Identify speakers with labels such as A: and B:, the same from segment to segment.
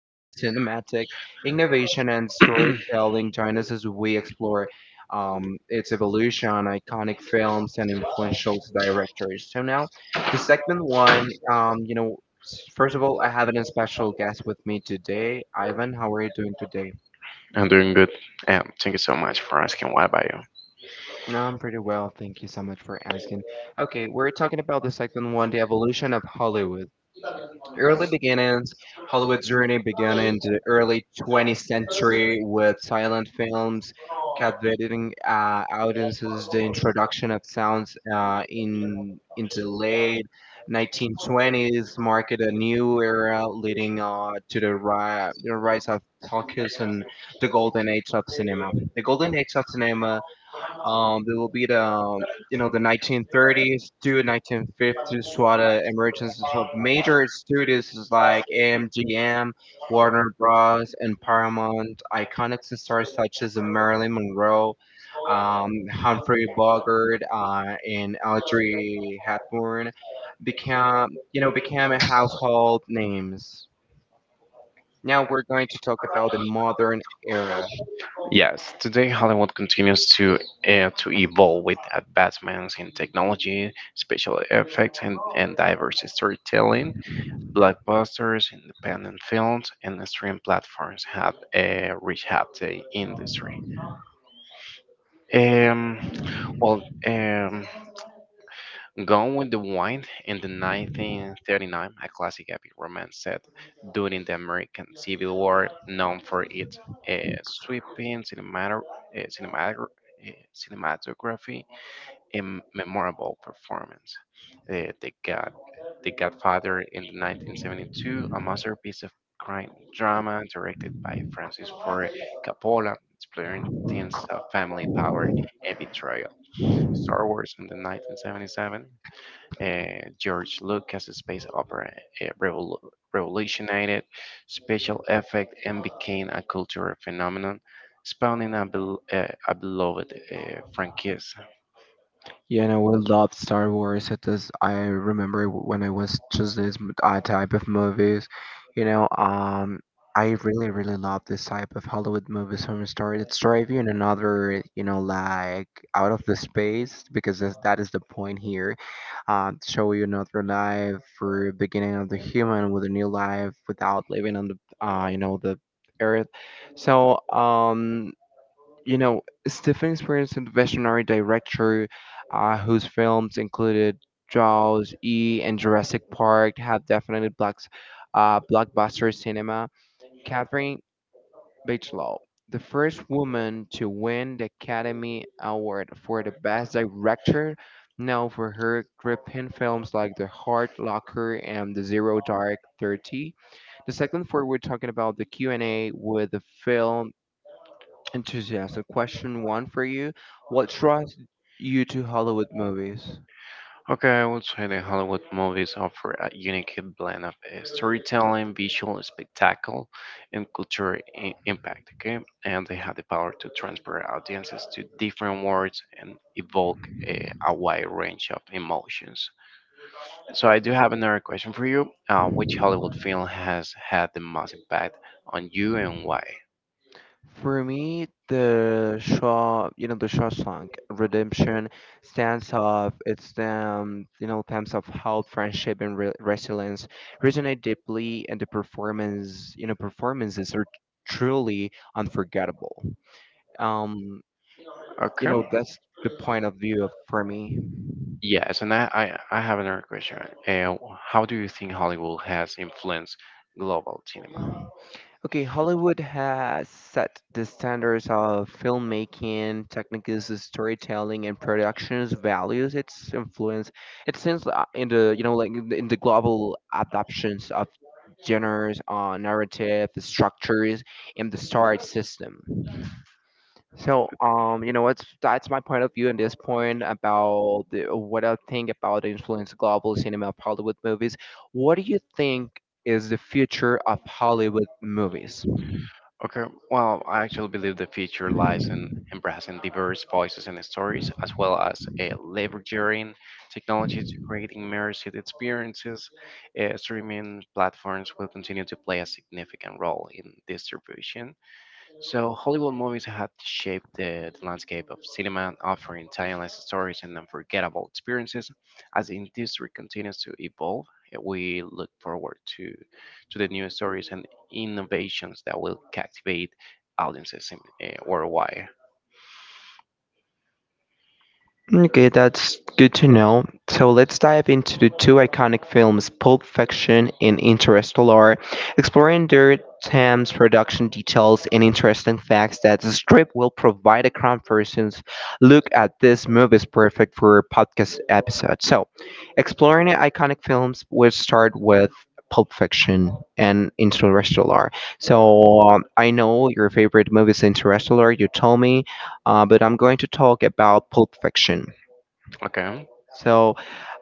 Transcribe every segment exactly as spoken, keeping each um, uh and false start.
A: of cinematic innovation and storytelling genres as we explore um, its evolution, iconic films, and influential directors. So now, the segment one um, you know, s- first of all, I have an special guest with me today. Ivan, how are you doing today?
B: I'm doing good. Um, thank you so much for asking. What about you?
A: I'm pretty well. Thank you so much for asking. Okay, we're talking about the second one, the evolution of Hollywood. Early beginnings. Hollywood's journey began in the early twentieth century with silent films, captivating uh, audiences. The introduction of sounds uh, in into the late nineteen twenties marked a new era, leading uh, to the, ri- the rise of talkies and the golden age of cinema. The golden age of cinema, um, there will be the um, you know the nineteen thirties to nineteen fifties, what uh, emergence of major studios is like M G M, Warner Bros. And Paramount. Iconic stars such as Marilyn Monroe, um, Humphrey Bogart, uh, and Audrey Hepburn became, you know, became household names. Now we're going to talk about the modern era.
B: Yes, today Hollywood continues to uh, to evolve with advancements in technology, special effects, and, and diverse storytelling. Blockbusters, independent films, and stream platforms have uh, reshaped the industry. Um, well, um, Gone with the Wind in the nineteen thirty-nine, a classic epic romance set during the American Civil War, known for its uh, sweeping cinemato- uh, cinemato- uh, cinematography and memorable performance. Uh, the, God, the Godfather in the nineteen seventy-two, a masterpiece of crime drama directed by Francis Ford Coppola, exploring themes of family power and betrayal. Star Wars in the nineteen seventy-seven, uh, George Lucas's space opera uh, revol- revolutionized special effect and became a cultural phenomenon, spawning a, bel- uh, a beloved uh, franchise.
A: Yeah, and I will love Star Wars. It is. I remember when I was just this m- uh, type of movies. You know, um, I really, really love this type of Hollywood movies from story that drive you in another, you know, like out of the space because that's, that is the point here. Uh, to show you another life for beginning of the human with a new life without living on the, uh, you know, the earth. So, um. You know, Stephen experienced a visionary director uh, whose films included Jaws, E, and Jurassic Park have definitely blocks, uh, blockbuster cinema. Catherine Bigelow, the first woman to win the Academy Award for the Best Director, known for her gripping films like The Hard Locker and The Zero Dark Thirty. The second four, we're talking about the Q and A with the film enthusiastic. Question one for you: what draws you to Hollywood movies?
B: Okay, I would say the Hollywood movies offer a unique blend of uh, storytelling, visual spectacle, and cultural i- impact. Okay, and they have the power to transport audiences to different worlds and evoke uh, a wide range of emotions. So I do have another question for you. Uh, which Hollywood film has had the most impact on you and why?
A: For me, the Shaw, you know, the Shawshank Redemption stands of its, um, you know, themes of hope, friendship, and re resilience resonate deeply, and the performance, you know, performances are truly unforgettable. Um, you
B: Okay.
A: know, that's the point of view of for me.
B: Yes, and I, I, I have another question. Uh, how do you think Hollywood has influenced global cinema?
A: Okay, Hollywood has set the standards of filmmaking, techniques, storytelling, and productions values its influence. It seems uh, in the you know like in the in the global adoptions of genres, uh, narrative structures, and the star system. So um, you know what's that's my point of view at this point about the, what I think about the influence of global cinema of Hollywood movies. What do you think is the future of Hollywood movies?
B: Okay, well, I actually believe the future lies in embracing diverse voices and stories, as well as uh, leveraging technology to create immersive experiences. Uh, streaming platforms will continue to play a significant role in distribution. So Hollywood movies had shaped the, the landscape of cinema, offering timeless stories and unforgettable experiences. As the industry continues to evolve, eh, we look forward to to the new stories and innovations that will captivate audiences in, uh, worldwide.
A: Okay, that's good to know. So let's dive into the two iconic films, Pulp Fiction and Interstellar, exploring their themes, production details, and interesting facts that the strip will provide a comparisons. Look at this movie is perfect for a podcast episode. So, exploring the iconic films, we'll start with Pulp Fiction and Interstellar. So, um, I know your favorite movie is Interstellar, you told me, uh, but I'm going to talk about Pulp Fiction.
B: Okay.
A: So,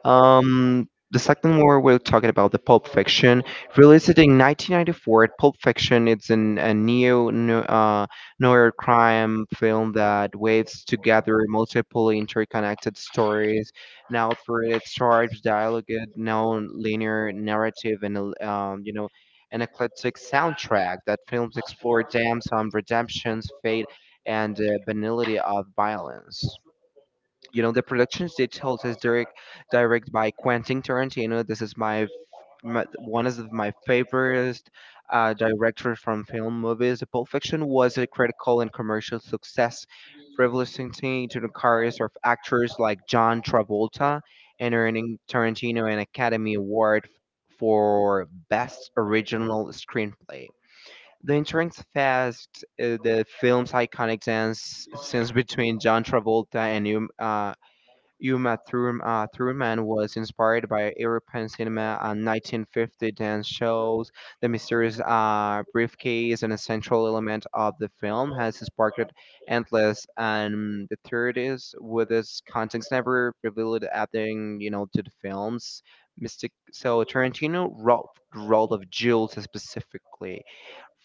A: um, the second one we're talking about the Pulp Fiction, released in nineteen ninety-four. Pulp Fiction it's an, a neo no- uh, noir crime film that weaves together multiple interconnected stories, now through its charged dialogue, non-linear narrative, and a- um, you know. An eclectic soundtrack that films explore dams on redemption's fate and uh, banality of violence. You know, the productions they told is direct, direct by Quentin Tarantino. This is my, f- my one of my favorite uh, directors from film movies. Pulp Fiction was a critical and commercial success, revolutionizing the careers of actors like John Travolta and earning Tarantino an Academy Award f- for Best Original Screenplay. The entrance fast, uh, the film's iconic dance scenes between John Travolta and um, uh, Uma Thurm- uh, Thurman was inspired by European cinema and nineteen fifty dance shows. The mysterious uh, briefcase, an essential element of the film, has sparked endless and the theories with its contents never revealed adding, you know, to the film's mystic. So Tarantino wrote the role of Jules specifically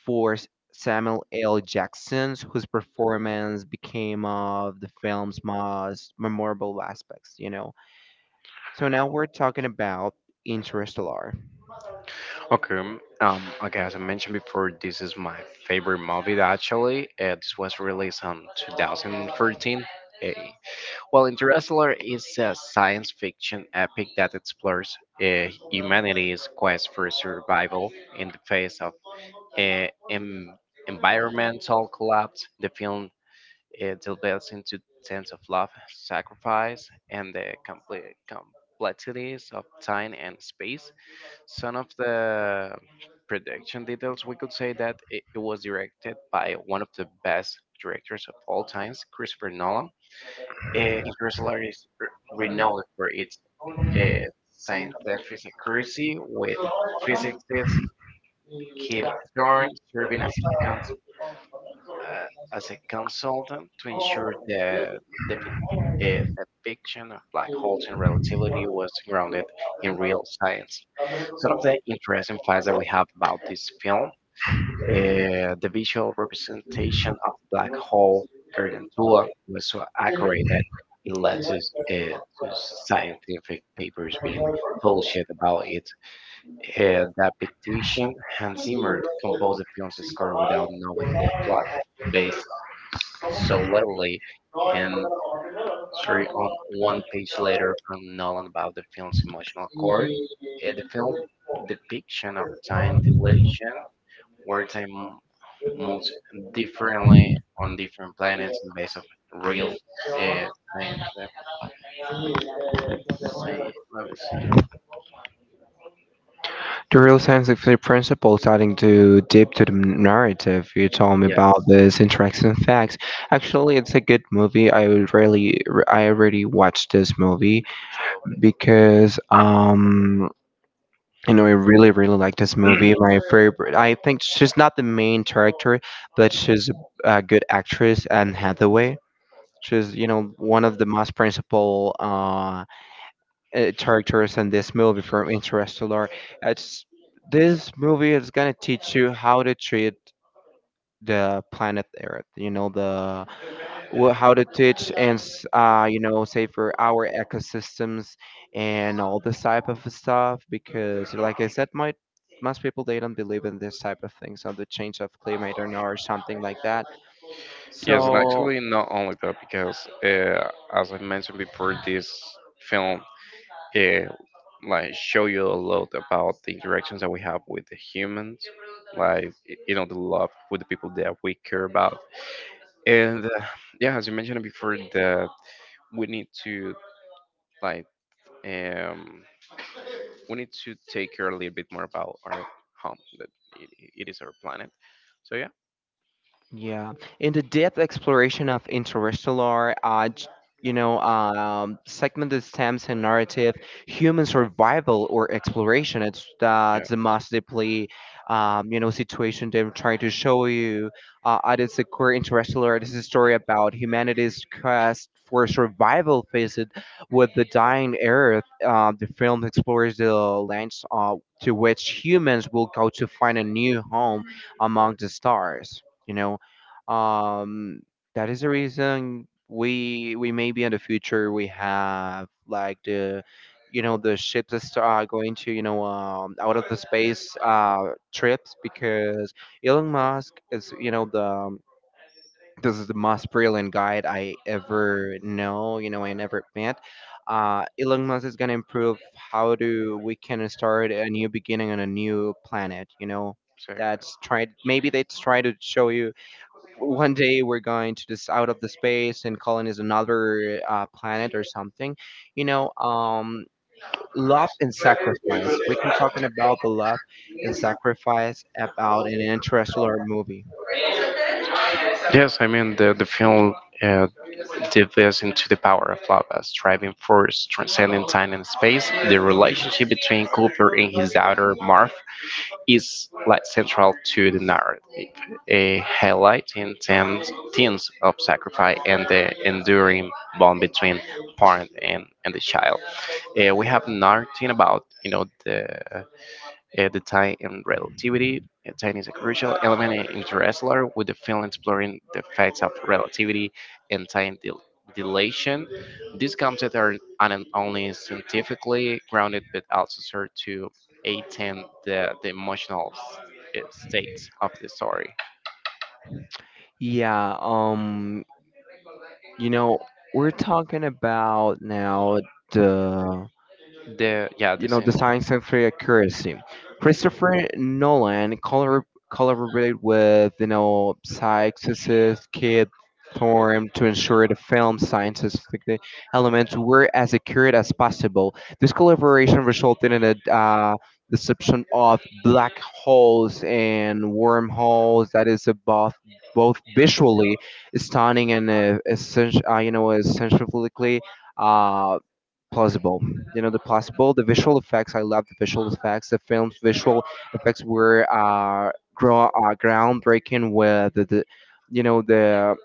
A: for Samuel L. Jackson, whose performance became of the film's most memorable aspects, you know. So now we're talking about Interstellar.
B: Okay, um, okay. As I mentioned before, this is my favorite movie. Actually, uh, this was released on two thousand thirteen. Well, Interstellar is a science fiction epic that explores uh, humanity's quest for survival in the face of uh, em- environmental collapse. The film uh, delves into themes of love, sacrifice, and the compli complexities of time and space. Some of the production details, we could say that it, it was directed by one of the best directors of all times, Christopher Nolan. uh, Interstellar is re- renowned for its uh, scientific accuracy, with physicists Kip Thorne serving as a, con- uh, as a consultant to ensure that the pic- uh, that fiction of black holes and relativity was grounded in real science. Sort of the interesting facts that we have about this film, uh, the visual representation of the black hole Gargantua was so accurate that it led to, s- uh, to scientific papers being published about it. uh, depiction. Hans Zimmer composed the film's score without knowing the plot, based solely and three on one page letter from Nolan about the film's emotional core. Uh, the film depiction of time dilation, where time moves differently on different planets based on real uh, things. Let me see. Let me see.
A: The real scientific principle starting to dip to the narrative. You told me
B: Yeah.
A: about this interesting facts. Actually, it's a good movie. I would really, I already watched this movie because um you know, I really, really like this movie. My favorite. I think she's not the main character, but she's a good actress. Anne Hathaway. She's, you know, one of the most principal uh, uh, characters in this movie from Interstellar. It's this movie is gonna teach you how to treat the planet Earth. You know, the well, how to teach and s- uh, you know say for our ecosystems and all this type of stuff because like I said my most people they don't believe in this type of things on the change of climate or, or something like that
B: Yes, and
A: so
B: actually, not only that, because uh, as I mentioned before, this film uh, like show you a lot about the interactions that we have with the humans, like y- you know the love with the people that we care about, and uh, yeah, as you mentioned before, that we need to like um, we need to take care a little bit more about our home that it, it is our planet, so yeah.
A: yeah, in the depth exploration of interstellar, uh, j- you know, um, segmented stems and narrative, human survival or exploration. It's uh,
B: Yeah,
A: the most deeply, um, you know, situation they're trying to show you. Uh, at its core, interstellar. This is a story about humanity's quest for survival faced with the dying Earth. Uh, the film explores the lengths, uh, to which humans will go to find a new home among the stars. You know, um, that is the reason we we maybe in the future we have like the you know the ships that start going to you know um, out of the space uh, trips because Elon Musk is you know the this is the most brilliant guy I ever know you know I never met. Uh, Elon Musk is gonna improve how do we can start a new beginning on a new planet, you know,
B: exactly.
A: that's try maybe they try to show you one day we're going to this out of the space and colonize another uh, planet or something, you know. um love and sacrifice, we can talking about the love and sacrifice about an interstellar movie.
B: Yes, I mean the the film uh, dives us into the power of love as driving force transcending time and space. The relationship between Cooper and his daughter Marv is like central to the narrative, eh, highlighting themes, themes of sacrifice and the enduring bond between parent and, and the child. Eh, we have nothing about you know the uh, the time in relativity. Uh, time is a crucial element in Interstellar, with the film exploring the facts of relativity and time dil- dilation. These concepts are not only scientifically grounded but also serve to aid the, the emotional s- uh, state of the story.
A: Yeah, um you know, we're talking about now the,
B: The yeah, the
A: you know, the
B: scen-
A: science and free accuracy. Christopher Nolan collabor- collaborated with, you know, psychicist Kid Thorne to ensure the film's scientific elements were as accurate as possible. This collaboration resulted in a uh, deception of black holes and wormholes that is both both visually stunning and uh, essen- uh, you know, essentially uh, plausible. You know, the plausible, the visual effects. I love the visual effects. The film's visual effects were uh, grow, uh groundbreaking with the, the, you know, the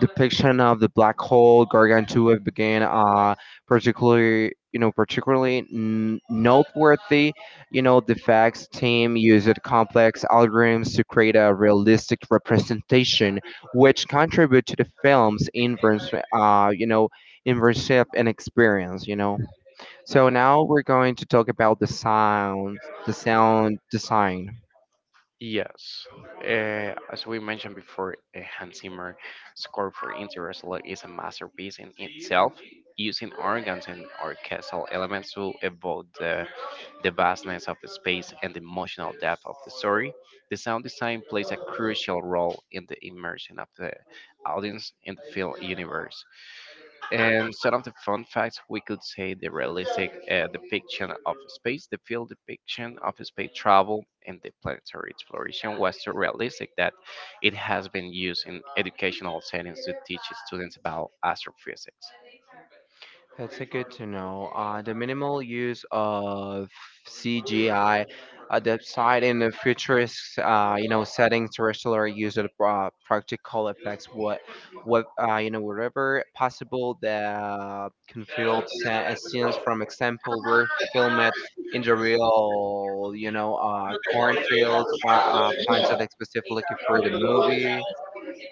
A: depiction of the black hole Gargantua began uh particularly, you know particularly n- noteworthy, you know, the facts team used complex algorithms to create a realistic representation which contribute to the film's inverse, uh you know immersive and experience, you know. So now we're going to talk about the sound, the sound design.
B: Yes, uh, as we mentioned before, uh, Hans Zimmer score for Interstellar is a masterpiece in itself, using organs and orchestral elements to evoke the, the vastness of the space and the emotional depth of the story. The sound design plays a crucial role in the immersion of the audience in the film universe, and some of the fun facts we could say the realistic uh, depiction of space, the field depiction of space travel, and the planetary exploration was so realistic that it has been used in educational settings to teach students about astrophysics.
A: That's a good to know. Uh, the minimal use of C G I, uh, the side in the futurist, uh, you know, settings, terrestrial use of uh, practical effects, what, what, uh, you know, whatever possible that can fill sa- uh, scenes. From example, were filmed in the real, you know, uh, cornfields, pla- uh, planted specifically for the movie,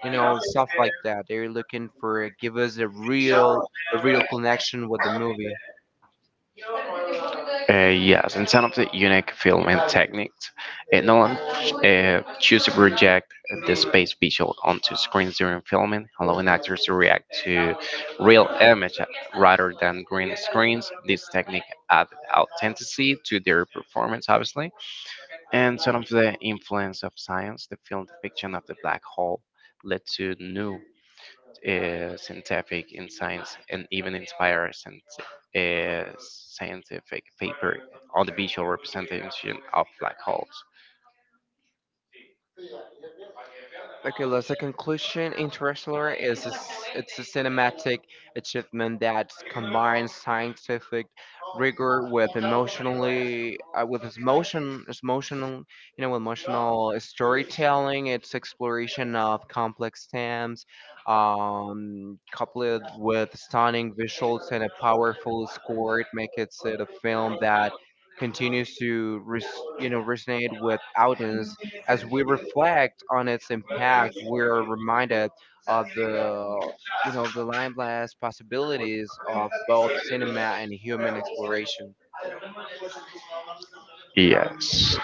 A: you know, and stuff like that. They're looking for give us a real, a real connection with the movie.
B: Uh, yes, in some of the unique filming techniques, uh, Nolan uh, chose to project the space visual onto screens during filming, allowing actors to react to real image rather than green screens. This technique added authenticity to their performance, obviously. And some of the influence of science, the film depiction of the black hole led to new uh, scientific in science and even inspire scient- uh, scientific paper on the visual representation of black holes.
A: Okay, Liz, the conclusion, Interstellar is a s it's a cinematic achievement that combines scientific rigor with emotionally uh, with its emotion, its emotional, you know, emotional storytelling. Its exploration of complex themes, um, coupled with stunning visuals and a powerful score, it makes it a film that continues to res- you know resonate with audience as we reflect on its impact, we're reminded of the, you know, the limitless possibilities of both cinema and human exploration.
B: Yes.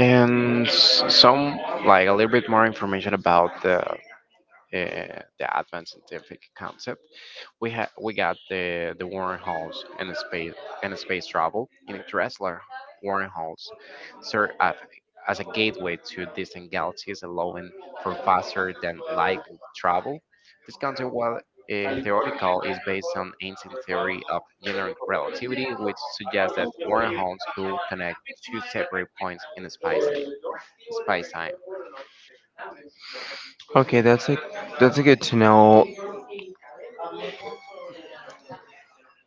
B: And s- some, like a little bit more information about the, uh, the advanced scientific concept. We ha- we got the the warren halls and the space and the space travel in Dressler. Warren halls serve as, as a gateway to distant galaxies, allowing for faster than light travel. This concept, while uh, theoretical, is based on ancient theory of general relativity, which suggests that warren halls could connect two separate points in space time. Space time.
A: Okay, that's a that's a good to know.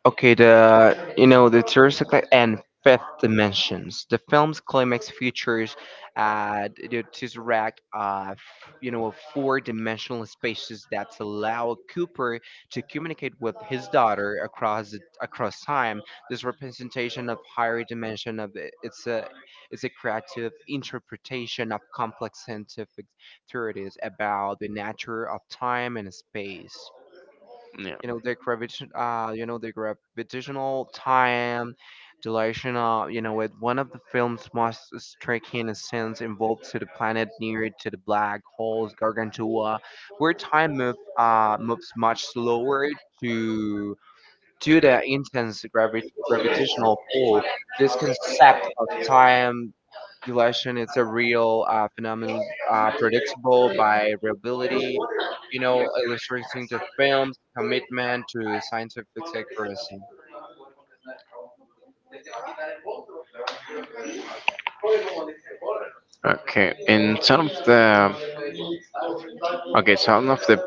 A: Okay, the, you know, the third second and fifth dimensions. The film's climax features uh, the tesseract of, you know, of four-dimensional spaces that allow Cooper to communicate with his daughter across the- across time. This representation of higher dimension of it- it's a it's a creative interpretation of complex scientific theories about the nature of time and space.
B: Yeah.
A: You know the gravitation uh you know the gravitational time dilation, uh you know with one of the film's most striking scenes involved to the planet near to the black holes Gargantua, where time move uh moves much slower to due to intense gravi- gravitational pull. This concept of time dilation is a real uh, phenomenon, uh, predictable by reliability, you know, illustrating the film's commitment to scientific accuracy.
B: Okay, and some of the Okay, some of the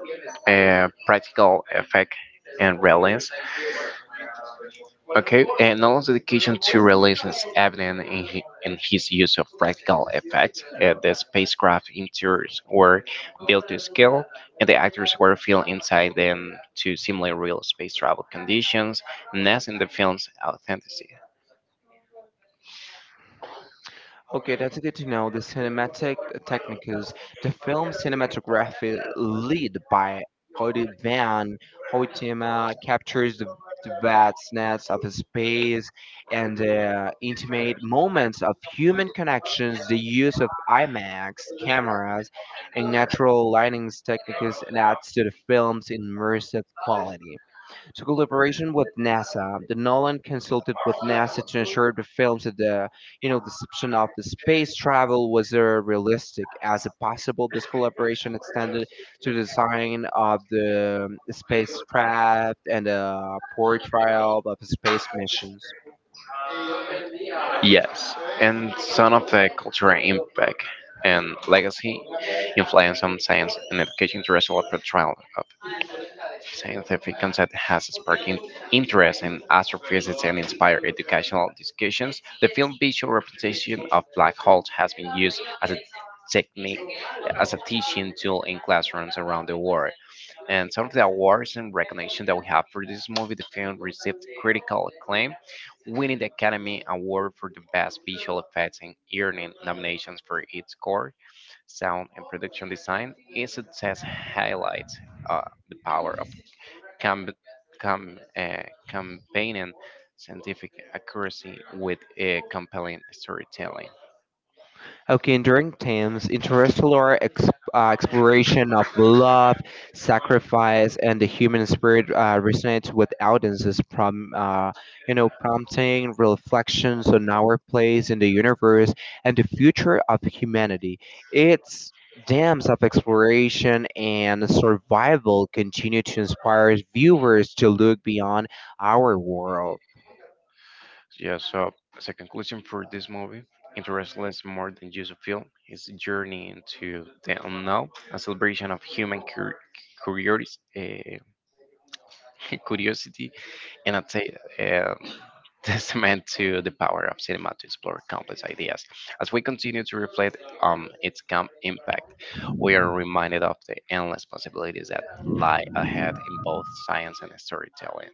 B: uh, practical effect and relevance. Okay, and knowledge dedication to realism is evident in, hi- in his use of practical effects. Uh, the spacecraft interiors were built to scale, and the actors were filmed inside them to simulate real space travel conditions, enhancing the film's authenticity.
A: Okay, that's good to know. The cinematic techniques, the film cinematography lead by Hoyt Van Hoytema captures the, the vastness of space and the intimate moments of human connections. The use of IMAX cameras and natural lighting techniques adds to the film's immersive quality. To collaboration with NASA, the Nolan consulted with NASA to ensure the films that the you know deception of the space travel was uh, realistic as possible. This collaboration extended to the design of the um, spacecraft and a portrayal of space missions.
B: Yes, and some of the cultural impact and legacy influence on science and education through a portrayal scientific concept has sparked in- interest in astrophysics and inspired educational discussions. The film visual representation of black holes has been used as a technique as a teaching tool in classrooms around the world. And some of the awards and recognition that we have for this movie, the film received critical acclaim, winning the Academy Award for the Best Visual Effects and earning nominations for its score, sound, and production design. Its success highlights uh, the power of com- com- uh, combining scientific accuracy with a compelling storytelling.
A: Okay, and during Thames, interstellar ex- uh, exploration of love, sacrifice, and the human spirit uh, resonates with audiences, prom- uh, you know, prompting reflections on our place in the universe and the future of humanity. Its dams of exploration and survival continue to inspire viewers to look beyond our world.
B: Yeah, so as a conclusion for this movie, Interest is more than just a film. It's a journey into the unknown, a celebration of human cur- curiosity, uh, curiosity and I'd say uh, testament to the power of cinema to explore complex ideas. As we continue to reflect on its com- impact, we are reminded of the endless possibilities that lie ahead in both science and storytelling.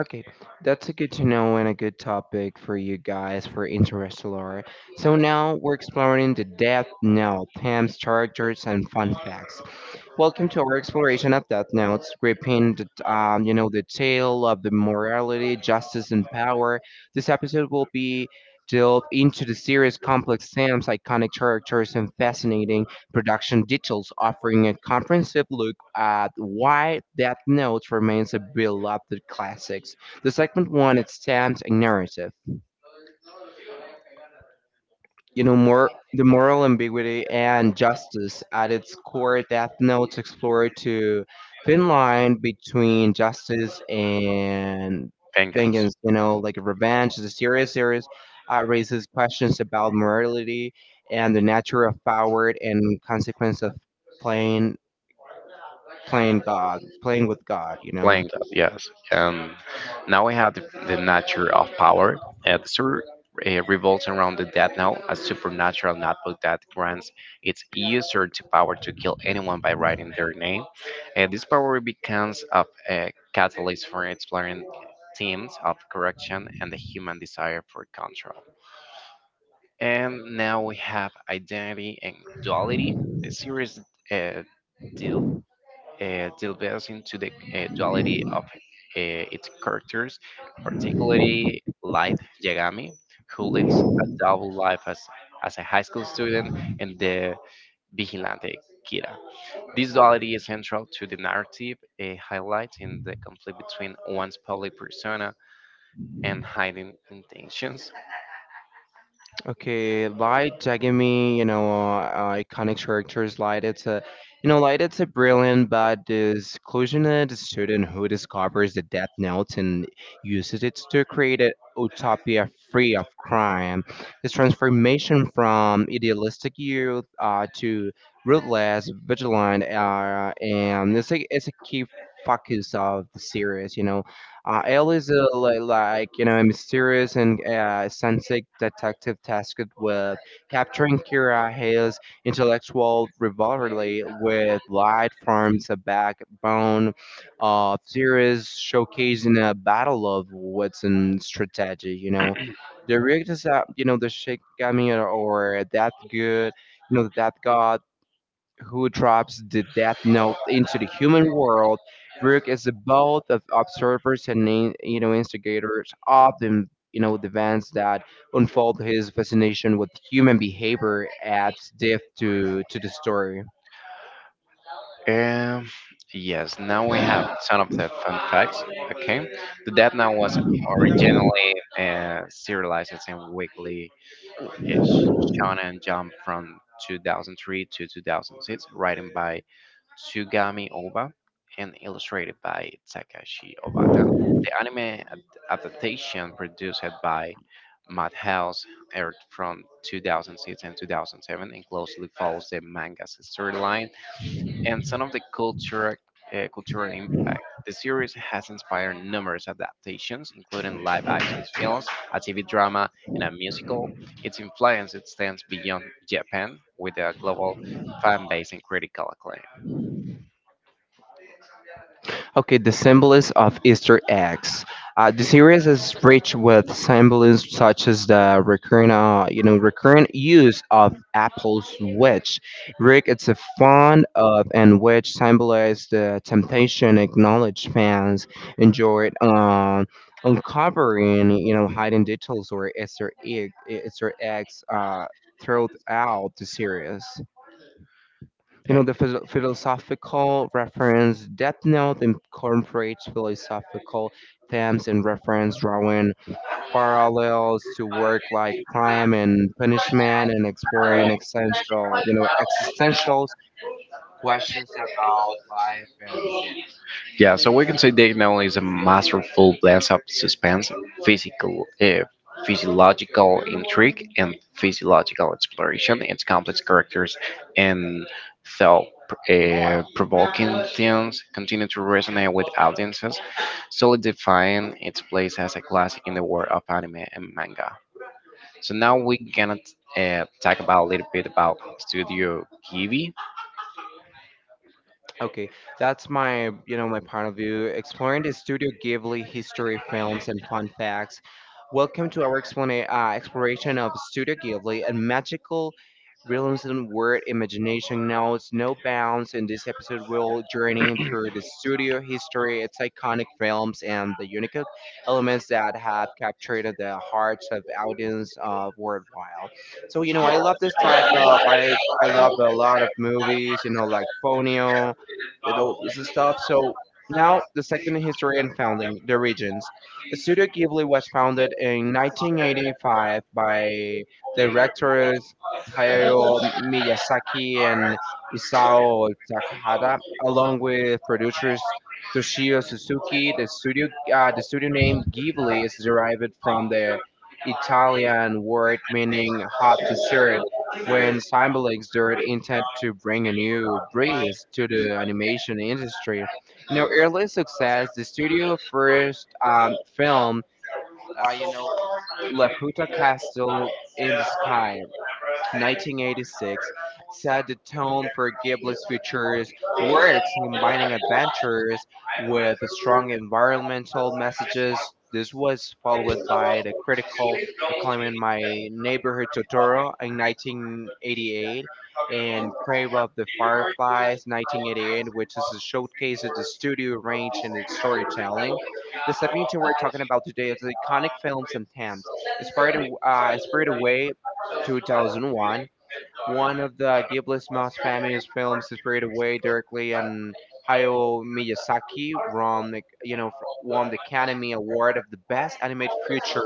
A: Okay, that's a good to know and a good topic for you guys for Interstellar. So now we're exploring the Death Note, themes, characters, and fun facts. Welcome to our exploration of Death Notes, gripping the, um, you know, the tale of the morality, justice, and power. This episode will be delve into the series' complex themes, iconic characters, and fascinating production details, offering a comprehensive look at why Death Note remains a beloved classic. The segment one, its themes and narrative. You know more the moral ambiguity and justice at its core, death notes explore to thin line between justice and
B: Penguin.
A: vengeance. You know like revenge is a serious series, uh, raises questions about morality and the nature of power and consequence of playing playing god, playing with god, you know
B: Playing that, yes. And now we have the, the nature of power. Uh, the story uh, revolves around the Death Knell, a supernatural notebook that grants its user the power to kill anyone by writing their name. Uh, this power becomes a uh, catalyst for exploring themes of corruption and the human desire for control. And now we have identity and duality. The series uh, deal uh, delves into the uh, duality of uh, its characters, particularly Light Yagami, who lives a double life as, as a high school student and the vigilante Kira. This duality is central to the narrative, uh, highlighting the conflict between one's public persona and hiding intentions.
A: Okay, Light I Give me, you know, uh, uh, iconic characters. Light, it's a, you know, Light, it's a brilliant but disillusioned student who discovers the Death Note and uses it to create a utopia free of crime. His transformation from idealistic youth uh, to ruthless, vigilant, uh, and it's a, it's a key focus of the series. You know, uh, L is a, li- like you know a mysterious and uh, eccentric detective tasked with capturing Kira. Hayes' intellectual rivalry with Light forms a backbone of series, showcasing a battle of wits and strategy. You know, the reactors that you know the Shikigami, or, or that good, you know that god, who drops the Death Note into the human world. Rook is both of observers and in- you know instigators of the you know the events that unfold. His fascination with human behavior adds depth to to the story.
B: Um, yes, now we have some of the fun facts. Okay, the Death Note was originally uh, serialized and weekly is Shonen Jump from two thousand three to two thousand six, written by Tsugami Oba and illustrated by Takashi Obata. The anime ad- adaptation produced by Madhouse aired from two thousand six and two thousand seven and closely follows the manga's storyline and some of the culture, uh, cultural impact. The series has inspired numerous adaptations, including live action films, a T V drama, and a musical. Its influence extends beyond Japan, with a global fan base and critical acclaim.
A: Okay, the symbols of Easter eggs. Uh, the series is rich with symbols such as the recurrent, uh, you know, recurrent use of apples, which Rick is a fond of, and which symbolize the temptation, acknowledged fans enjoyed um, uncovering, you know, hidden details or Easter egg, Easter eggs uh, throughout the series. You
B: Uh,
A: know, the philo- philosophical reference. Death Note incorporates philosophical themes and reference, drawing parallels to work like crime and punishment and exploring essential, you know, existential questions about life and death.
B: Yeah, so we can say Dave Nolan is a masterful blend of suspense, physical, uh, physiological intrigue, and physiological exploration. Its complex characters and thought-provoking themes continue to resonate with audiences, solidifying its place as a classic in the world of anime and manga. So now we're gonna uh, talk about a little bit about Studio Ghibli.
A: Okay, that's my, you know, my point of view. Exploring the Studio Ghibli history, films, and fun facts. Welcome to our explana- uh, exploration of Studio Ghibli and magical realism, where imagination knows no bounds. In this episode, we'll journey through the studio history, its iconic films, and the unique elements that have captured the hearts of audience uh, worldwide. So, you know, I love this type of, I, I love a lot of movies, you know, like Ponyo and all this stuff. So now the second history and founding the regions. Studio Ghibli was founded in nineteen eighty-five by directors Hayao Miyazaki and Isao Takahata, along with producers Toshio Suzuki. The studio, uh, the studio name Ghibli is derived from the Italian word meaning hot dessert, when Symbolic's Dirt intended to bring a new breeze to the animation industry. You know, early success, the studio first um, film, uh, you know, Laputa Castle in the Sky, nineteen eighty-six, set the tone for Ghibli's future works, combining adventures with strong environmental messages. This was followed by the critical acclaim in My Neighborhood Totoro in nineteen eighty-eight and Crave of the Fireflies nineteen eighty-eight, which is a showcase of the studio range and its storytelling. The submission we're talking about today is iconic films and themes. Spirited, uh, Spirited Away twenty oh one, one of the Ghibli's most famous films, is straight away directly, and Hayao Miyazaki won the, you know, fr- won the Academy Award of the Best Animated Feature.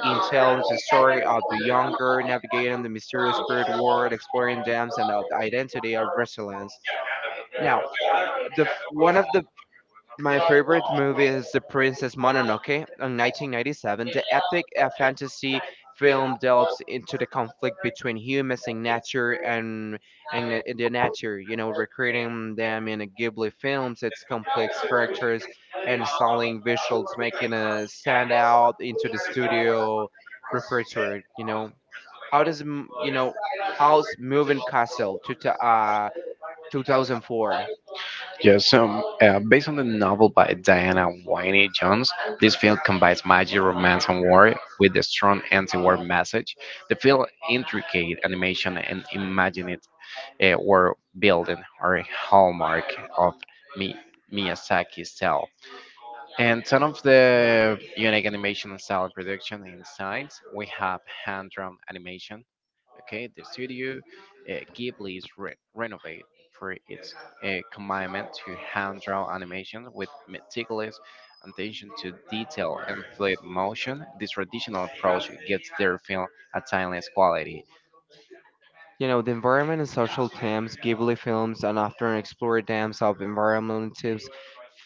A: It tells the story of the young girl navigating the mysterious spirit world, exploring dams and of the identity of resilience. Now, the f- one of the my favorite movie is The Princess Mononoke in nineteen ninety-seven. The epic uh, fantasy film delves into the conflict between humans and nature, and and the and the nature, you know, recreating them in a Ghibli films, its complex characters and stunning visuals making a stand out into the studio repertoire, you know. How does m- you know, how's Moving Castle to uh two thousand four?
B: Yes, um, uh, based on the novel by Diana Wynne Jones, this film combines magic, romance, and war with a strong anti-war message. The film intricate animation and imaginative uh, world building are a hallmark of Mi- Miyazaki's style. And some of the unique animation and style production insights we have hand-drawn animation. Okay, the studio uh, Ghibli's re- renovate for its a commitment to hand-drawn animation with meticulous attention to detail and fluid motion. This traditional approach gives their film a timeless quality.
A: You know, the environment and social themes, Ghibli films, and often explore themes of environmental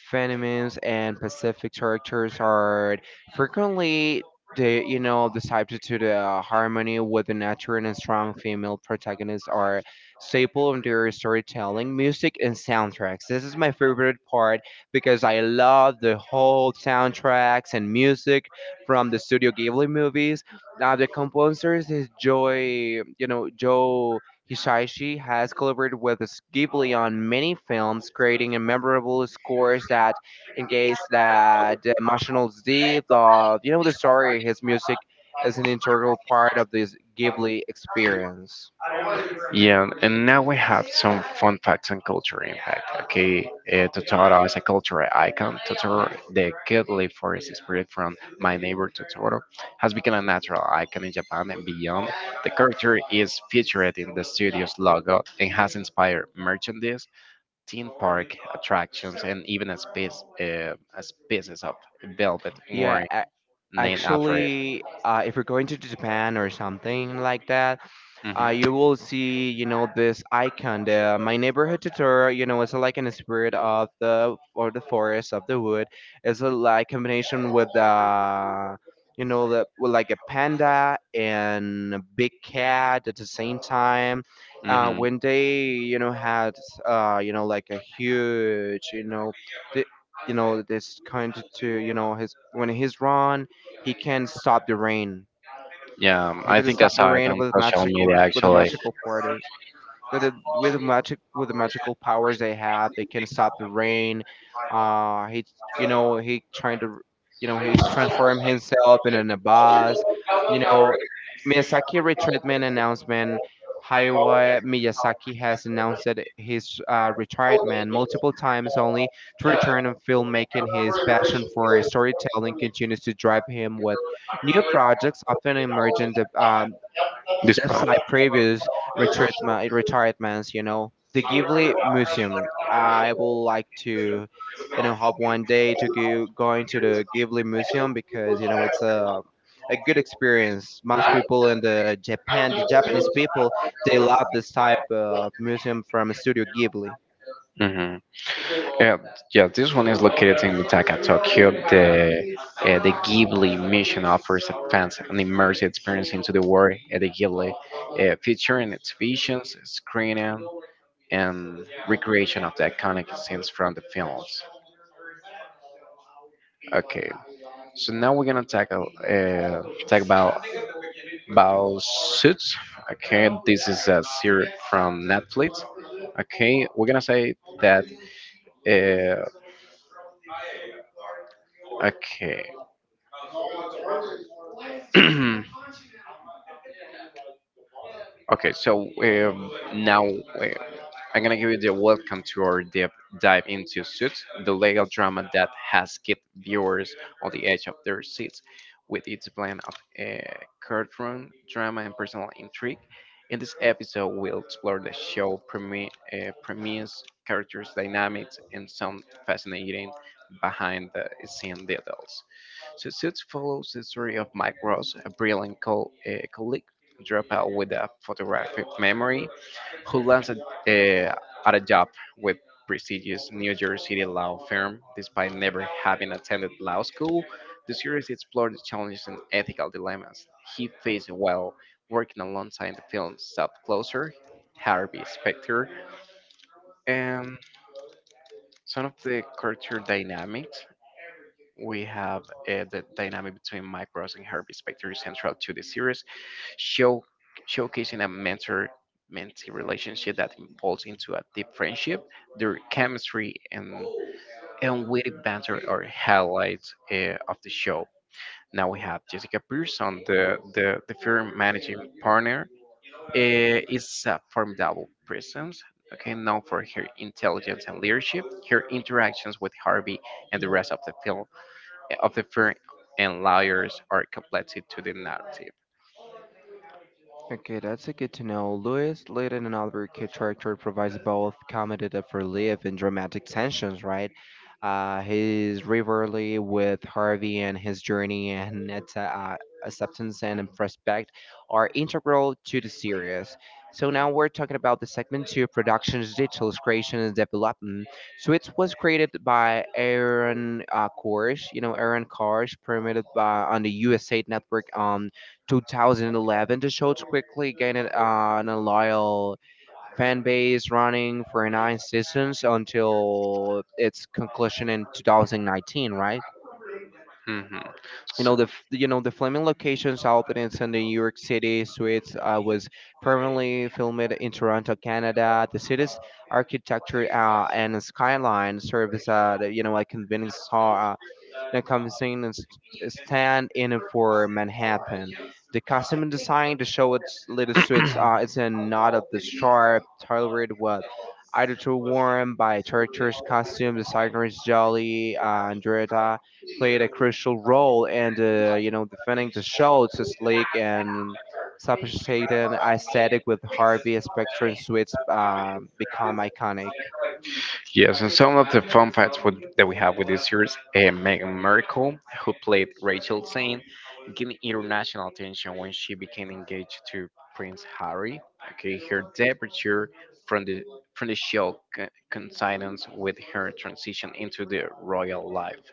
A: phenomena and Pacific characters are frequently they you know decided to the harmony with the nature, and strong female protagonists are staple of their storytelling. Music and soundtracks, this is my favorite part because I love the whole soundtracks and music from the Studio Ghibli movies. Now the composers is Joy, you know, Joe Hisaishi, has collaborated with us- Ghibli on many films, creating a memorable scores that engage that emotional depth of you know the story. His music is an integral part of this Ghibli experience.
B: Yeah, and now we have some fun facts and culture impact. Okay, uh, Totoro is a cultural icon. Totoro, the cuddly forest spirit from My Neighbor Totoro, has become a natural icon in Japan and beyond. The character is featured in the studio's logo and has inspired merchandise, theme park attractions and even a space uh, a species of velvet
A: Yeah,
B: worm
A: a-
B: named after it.
A: actually, uh, if you're going to Japan or something like that,
B: Hmm.
A: uh, you will see, you know, this icon. The, uh, my neighborhood tutor, you know, it's like in the spirit of the or the forest of the wood. It's a like combination with uh, you know, the with like a panda and a big cat at the same time. Uh,
B: Hmm.
A: when they, you know, had uh, you know, like a huge, you know, the, you know, this kind to, you know, his when he's run, he can't stop the rain.
B: Yeah, um,
A: He
B: I
A: can
B: think I
A: stop the
B: saw it
A: rain
B: on
A: with
B: social
A: magical
B: media
A: with the
B: actually.
A: magical quarters, with the, with the magic with the magical powers they have. They can stop the rain. uh he, you know he trying to, you know he's transform himself into a bus, you know. Miyazaki retreatment announcement. Hayao Miyazaki has announced his uh, retirement multiple times only to return in filmmaking. His passion for storytelling continues to drive him with new projects, often emerging de- uh,
B: This
A: that's
B: part.
A: like previous retirement, retirements. You know, the Ghibli Museum. I would like to, you know, hope one day to go, going to the Ghibli Museum because you know it's a a good experience. Most people in the Japan, the Japanese people, they love this type of museum from Studio Ghibli.
B: Hmm. Yeah, yeah, this one is located in Mitaka, Tokyo. The uh, the Ghibli mission offers advanced and immersive experience into the world at the Ghibli, uh, featuring exhibitions, screening and recreation of the iconic scenes from the films. Okay, so now we're gonna tackle uh, talk about about Suits. Okay, this is a series from Netflix. Okay, we're gonna say that. Uh, okay. Okay, so um, now uh, I'm gonna give you the welcome to our deep dive into Suits, the legal drama that has kept viewers on the edge of their seats, with its blend of uh, courtroom drama and personal intrigue. In this episode, we'll explore the show premi- uh, premise, characters' dynamics, and some fascinating behind-the-scene details. So Suits follows the story of Mike Ross, a brilliant co- uh, colleague dropout with a photographic memory who landed uh, at a job with prestigious New York City law firm despite never having attended law school. The series explored the challenges and ethical dilemmas he faced while working alongside the film's Stop Closer, Harvey Specter, and some of the character dynamics. We have uh, the dynamic between Mike Ross and Harvey Specter is central to the series, show showcasing a mentor mentee relationship that evolves into a deep friendship. Their chemistry and and witty banter are highlights uh, of the show. Now we have Jessica Pearson, the the, the firm managing partner. Uh, is a formidable presence, okay, known for her intelligence and leadership. Her interactions with Harvey and the rest of the film of the firm and lawyers are completed to the narrative.
A: Okay, that's a good to know. Lewis, Layton, and Oliver Kidd character provides both comedic relief and dramatic tensions, right? Uh, his rivalry with Harvey and his journey and its uh, acceptance and respect are integral to the series. So now we're talking about the segment two production's details, creation, and development. So it was created by Aaron uh, Korish, you know, Aaron Korish, premiered by on the U S A Network. On. two thousand eleven, the show's quickly gained uh, an loyal fan base, running for nine seasons until its conclusion in two thousand nineteen. Right?
B: Mhm.
A: You know the f- you know the filming locations out in the New York City suites uh, was primarily filmed in Toronto, Canada. The city's architecture uh, and skyline serves as a you know a convincing star, the convention is is stand in for Manhattan. The costume design to show its little suits uh, is a nod of the sharp, tailored what either too worn by Churchill's costume designers. Jolly uh, Andretta played a crucial role in the you know defending the show to sleek and sophisticated aesthetic. With Harvey Specter and suits uh, become iconic.
B: Yes, and some of the fun facts with, that we have with this series, uh, Meghan Markle, who played Rachel Zane, gained international attention when she became engaged to Prince Harry. Okay, her departure from the from the show co- coincidence with her transition into the royal life.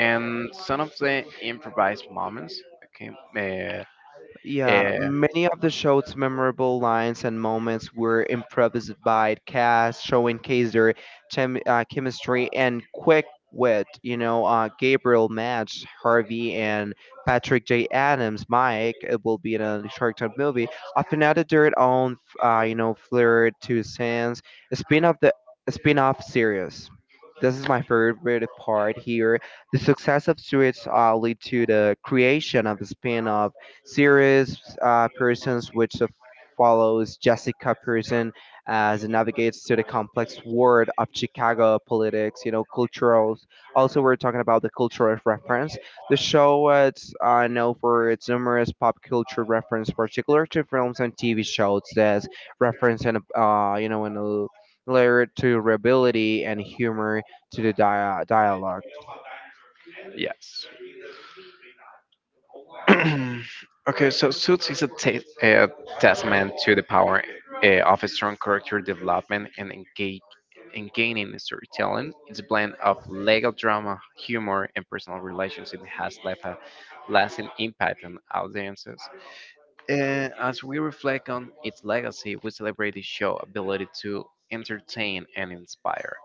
B: And some of the improvised moments. Okay, uh,
A: Yeah,
B: uh,
A: many of the show's memorable lines and moments were improvised by the cast, showcasing their chem- uh, chemistry and quick wit. You know, uh, Gabriel Match, Harvey, and Patrick J. Adams, Mike, it will be in a Shark Tank movie, often added their own, uh, you know, flair to scenes. A spin off the a spin-off series. This is my favorite part here. The success of Suits uh, lead to the creation of a spin-off series, uh, Pearson's, which of follows Jessica Pearson as it navigates through the complex world of Chicago politics, you know, cultural. Also, we're talking about the cultural reference. The show uh, it's uh, known for its numerous pop culture reference, particularly to films and T V shows. That's reference and uh, you know, and a layer to rebellion and humor to the dia- dialogue.
B: yes. Okay, so Suits is a ta- a testament to the power uh, of a strong character development and engage engaging storytelling. It's a blend of legal drama, humor, and personal relations. It has left a lasting impact on audiences. Uh, as we reflect on its legacy, we celebrate the show's ability to entertain and inspire.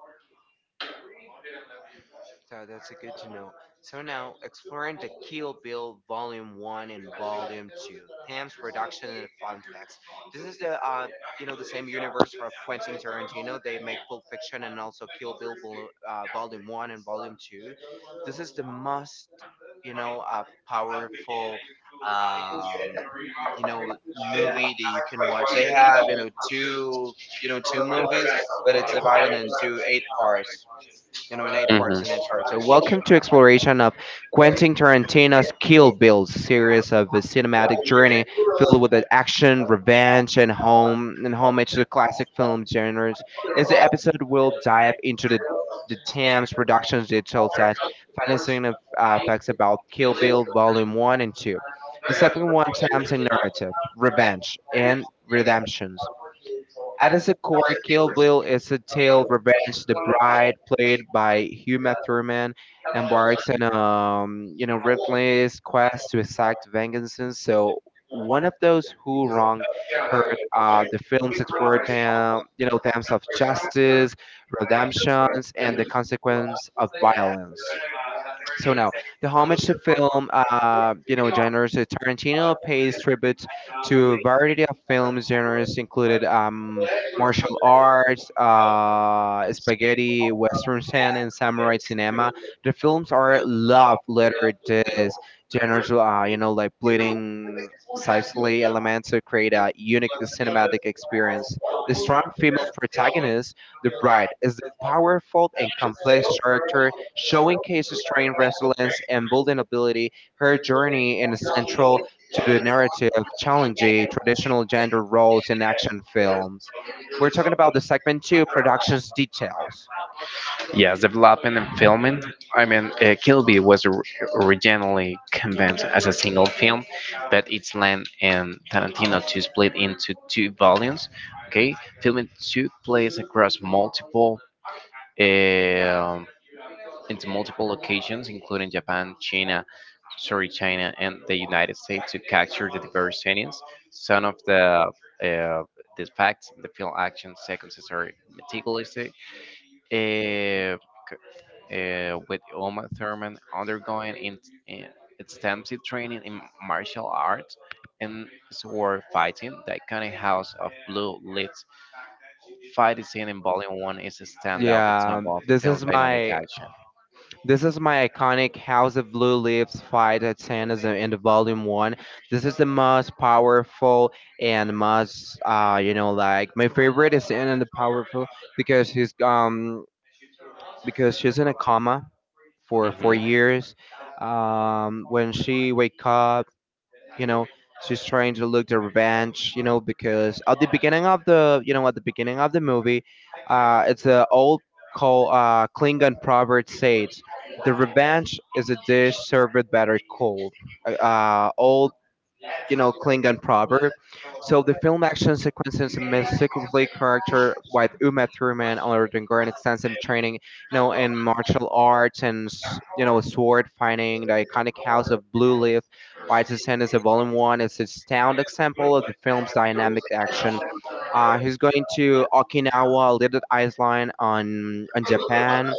A: So that's a good to know. So now, exploring the Kill Bill Volume one and Volume two, Pam's production and fun facts. This is the, uh, you know, the same universe for Quentin Tarantino. They make Pulp Fiction and also Kill Bill Vol- uh, Volume one and Volume two. This is the most, you know, uh, powerful, um, you know, movie that you can watch. They have, you know, two, you know, two movies, but it's divided into eight parts you know, in eight
B: Mhm.
A: parts and in charge. So, welcome to exploration of Quentin Tarantino's Kill Bill series of a cinematic journey filled with the action, revenge, and home and homage to classic film genres. As the episode will dive into the the Thames Productions digital set, financing of uh, facts about Kill Bill Volume One and Two. The second one, Thames and narrative, revenge, and redemption. At its core, Kill Bill is a tale revenge. The bride, played by Uma Thurman, embarks on um, you know relentless quest to exact vengeance. So one of those who wronged hurt. Uh, the films explore them, you know themes of justice, redemptions, and the consequence of violence. So now, the homage to film, uh, you know, genres. uh, Tarantino pays tribute to a variety of film genres, included um, martial arts, uh, spaghetti, western cinema, and samurai cinema. The films are love lettered these genres, uh, you know, like bleeding sexually elements to create a unique cinematic experience. The strong female protagonist, the bride, is the powerful and complex character Showing Case's trained resilience and vulnerability, her journey is central to the narrative, challenging traditional gender roles in action films. We're talking about the segment two, productions details.
B: Yes, development and filming. I mean, uh, Kill Bill was or- originally conceived as a single film, but its land and Tarantino to split into two volumes. Okay, filming took place across multiple um into multiple locations, including Japan, China, sorry, China, and the United States, to capture the diverse settings. Some of the uh, the facts, the film action sequences are meticulous. Uh, uh, with Uma Thurman undergoing in, in extensive training in martial arts and sword fighting. The iconic House of Blue Lights fight scene in Volume one is a standout
A: Yeah,
B: example of the
A: this is
B: film's dynamic
A: my
B: action.
A: this is my iconic House of Blue Leaves fight at Santa's in the volume one. This is the most powerful and most uh you know like my favorite is in the powerful because he's um because she's in a coma for four
B: Hmm.
A: years. Um, when she wake up, you know, she's trying to look the revenge, you know, because at the beginning of the, you know, at the beginning of the movie, uh, it's an old call, uh, Klingon proverb says, "The revenge is a dish served better cold." Uh, uh, old you know, Klingon proverb. So the film action sequences and mystically character with Uma Thurman undergoing extensive training, you know, in martial arts and s- you know sword fighting. The iconic House of Blue Leaf, White Descendants of Volume One is a sound example of the film's dynamic action. Uh, he's going to Okinawa, Little Island on on Japan.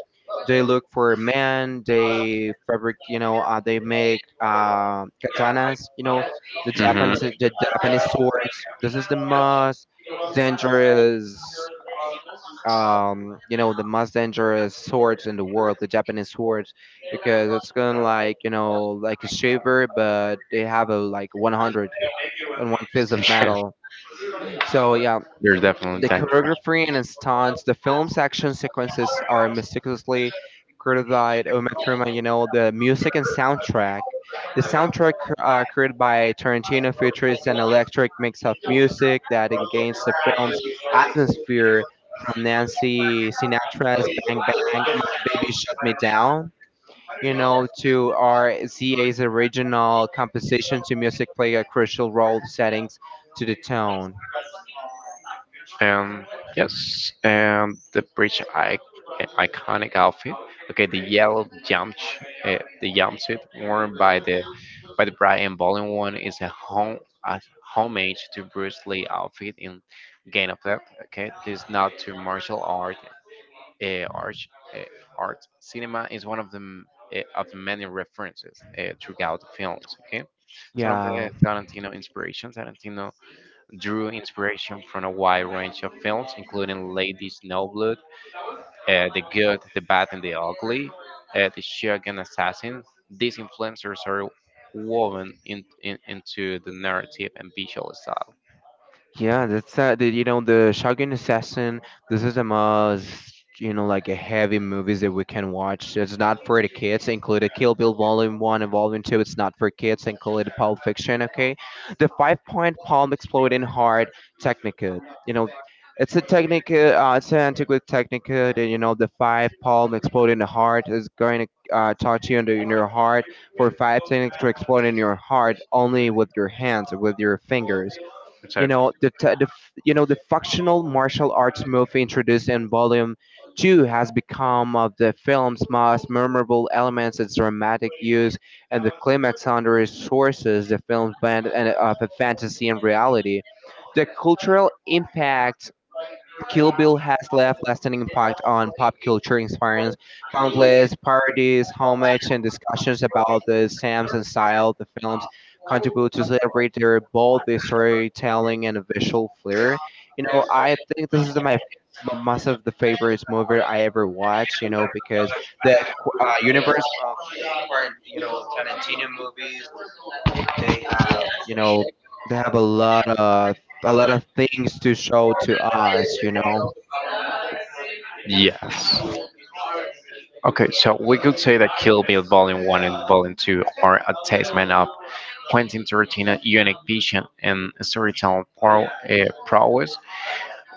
A: They look for men. They fabric, you know, uh, they make uh, katanas, you know, the
B: Hmm.
A: Japanese the Japanese swords. This is the most dangerous um you know the most dangerous swords in the world the japanese swords because it's gonna like you know like a shaver but they have a like one hundred on one piece of metal so yeah
B: There's definitely
A: the
B: time.
A: choreography and stunts, the film's action sequences are meticulously created by Umetruma, you know, the music and soundtrack. The soundtrack uh, created by Tarantino features an electric mix of music that engages the film's atmosphere from Nancy Sinatra's Bang Bang, My Baby Shut Me Down, you know, to R Z A's original composition to music play a crucial role settings to the tone.
B: And yes, and the bridge I- iconic outfit. Okay, the yellow jump, uh, the jumpsuit worn by the by the bride and bowling one is a home a homage to Bruce Lee outfit in Game of Death. Okay, this nod to martial art, uh, art, uh, art cinema is one of the m- uh, of the many references uh, throughout the films. Okay, some of
A: Yeah.
B: the Tarantino inspirations. Tarantino drew inspiration from a wide range of films, including Lady Snowblood, uh, The Good, the Bad, and the Ugly, uh, The Shogun Assassin. These influencers are woven in, in, into the narrative and visual style.
A: Yeah, that's uh, the, you know the Shogun Assassin. This is the most you know like a heavy movies that we can watch. It's not for the kids. Included Kill Bill Volume One and Volume Two. It's not for kids. Included Pulp Fiction. Okay, the five point palm exploding heart Technica. You know. It's a technique, uh, it's an antiquated technique that, you know, the five palm exploding the heart is going to uh, touch you in, the, in your heart for five seconds to explode in your heart only with your hands, with your fingers you
B: So,
A: know the, t- the f- you know the functional martial arts move introduced in Volume Two has become of the film's most memorable elements. Its dramatic use and the climax under its sources, the film's blend and- of a fantasy and reality. The cultural impact Kill Bill has left lasting impact on pop culture, inspiring countless parodies, homages, and discussions about the themes and style the films contribute to celebrate their bold storytelling and visual flair. You know, I think this is my most of the favorite movie I ever watched. You know, because the qu- uh, universe of current, you know, Tarantino movies, they have, you know, they have a lot of a lot of things to show to us. You know.
B: yes. Okay, so we could say that Kill Bill Volume one and Volume two are a testament of Quentin Tarantino's unique vision and storytelling pro- uh, prowess.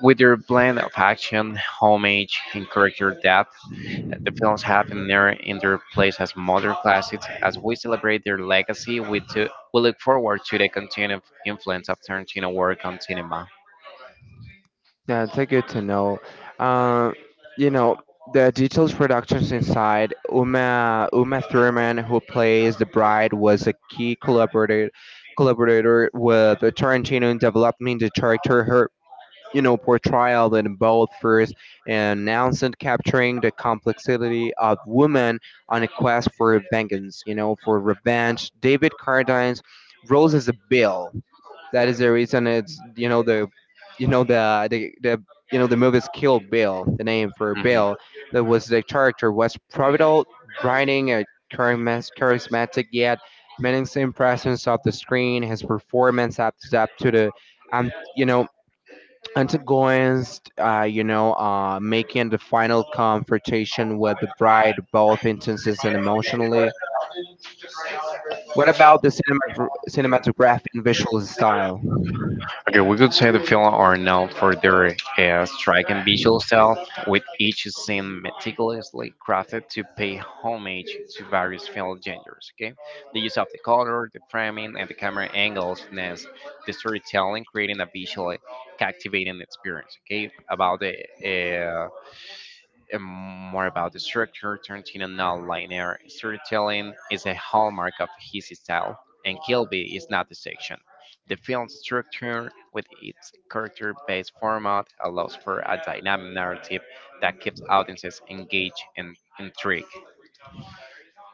B: With their blend of action, homage, and character depth, the films have an mirror in their place as modern classics. As we celebrate their legacy, we, too, we look forward to the continued influence of Tarantino work on cinema.
A: Yeah, it's a good to know. Um, you know, the details productions inside Uma Uma Thurman, who plays the bride, was a key collaborator collaborator with Tarantino in developing the character. Her you know portrayal in both first and announcement capturing the complexity of women on a quest for vengeance. You know, for revenge. David Cardine's role as a Bill. That is the reason it's you know the you know the the, the you know the movie's Kill Bill. The name for
B: Mhm.
A: Bill that was the character was pivotal, brightening a charismas- charismatic yet menacing presence of the screen. His performance up up to the um you know antagonist uh, you know uh, making the final confrontation with the bride both intense and emotionally what about the cinemat- cinematographic and visual style.
B: Okay, we could say the film are known for their uh, striking visual style, with each scene meticulously crafted to pay homage to various film genres. Okay, the use of the color, the framing, and the camera angles, and the storytelling, creating a visually captivating experience. Okay, about the uh, and more about the structure, Tarantino non-linear storytelling is a hallmark of his style, and Kilby is not the exception. The film's structure, with its character-based format, allows for a dynamic narrative that keeps audiences engaged and intrigued.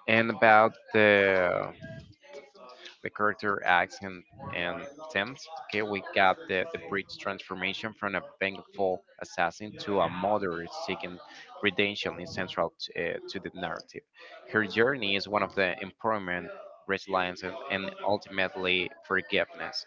B: And about the the character acts and and themes. Okay, we got the the bridge transformation from a vengeful assassin to a mother seeking redemption is central to, uh, to the narrative. Her journey is one of the empowerment, resilience, and, and ultimately forgiveness.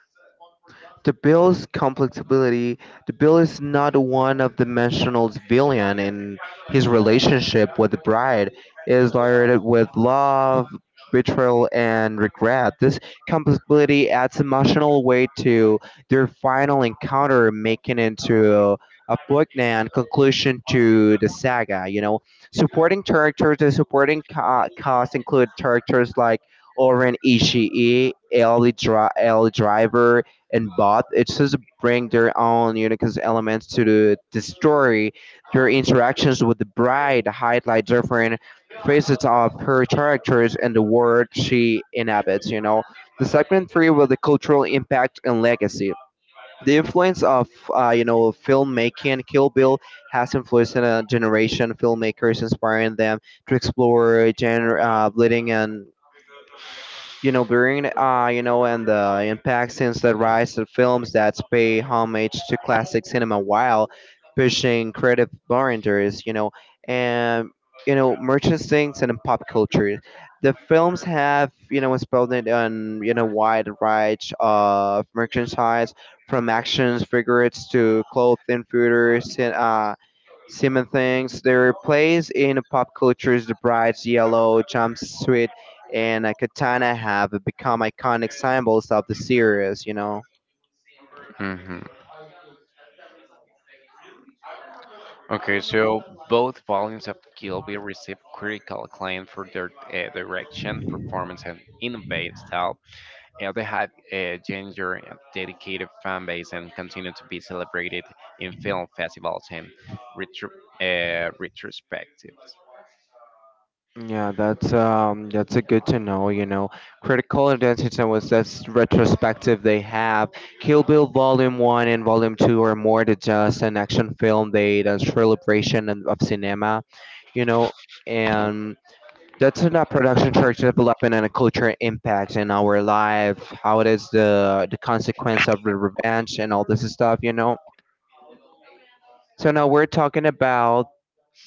A: The bill's complexity the bill is not a one-dimensional villain in his relationship with the bride. It is layered with love, betrayal and regret. This complexity adds emotional weight to their final encounter, making it into a poignant conclusion to the saga, you know. Supporting characters and supporting ca- cast include characters like Oren Ishii, Ellie, Dri- Ellie Driver, in both, just bring their own unique elements to the, the story. Their interactions with the bride highlight different facets of her characters and the world she inhabits. You know, the segment three with the cultural impact and legacy. The influence of uh, you know filmmaking, Kill Bill has influenced a generation of filmmakers, inspiring them to explore genre, uh, bleeding and you know during uh you know and the impact since the rise of films that pay homage to classic cinema while pushing creative boundaries you know and you know merchandising and pop culture the films have you know spelled it on you know wide range of merchandise from action figures to clothing footers and uh Simon things. They replace in pop cultures the bright yellow jumpsuits and a katana have become iconic symbols of the series, you know.
B: Hmm. Okay, so both volumes of Gilby received critical acclaim for their uh, direction, performance, and innovative style. Uh, they had a ginger and dedicated fan base and continue to be celebrated in film festivals and retro- uh, retrospectives.
A: Yeah, that's um that's a good to know, you know. Critical Identity was this retrospective they have. Kill Bill Volume one and Volume two are more than just an action film, they the celebration of of cinema, you know, and that's in a production church development and a cultural impact in our life, how it is the the consequence of the revenge and all this stuff, you know. So now we're talking about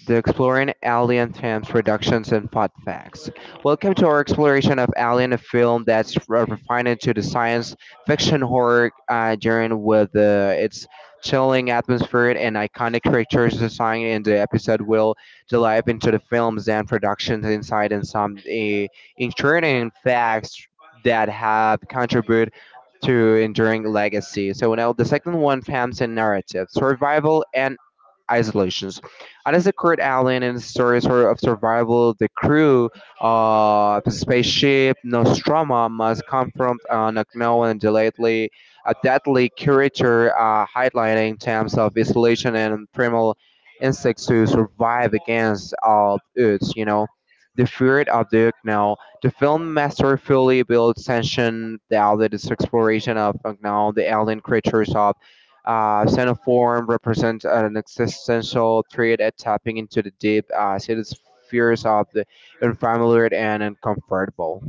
A: The Exploring Alien Themes Productions and Fun Facts. Welcome to our exploration of Alien, a film that's re- refined into the science fiction horror uh, genre with uh, its chilling atmosphere and iconic creatures design. In the episode, we will dive into the films and productions inside and some uh, intriguing facts that have contributed to enduring legacy. So now the second one, themes and narrative, survival and isolations. And as a Kurt Allen and stories sort of survival, the crew of the spaceship Nostromo must confront an unknown and deadly, a deadly creature, uh, highlighting terms of isolation and primal instincts to survive against all odds. You know, the fear of the unknown. The film masterfully builds tension, the outlet is exploration of unknown, the alien creatures of uh, Xenoform represents an existential threat at tapping into the deep, uh, cities fears of the unfamiliar and uncomfortable.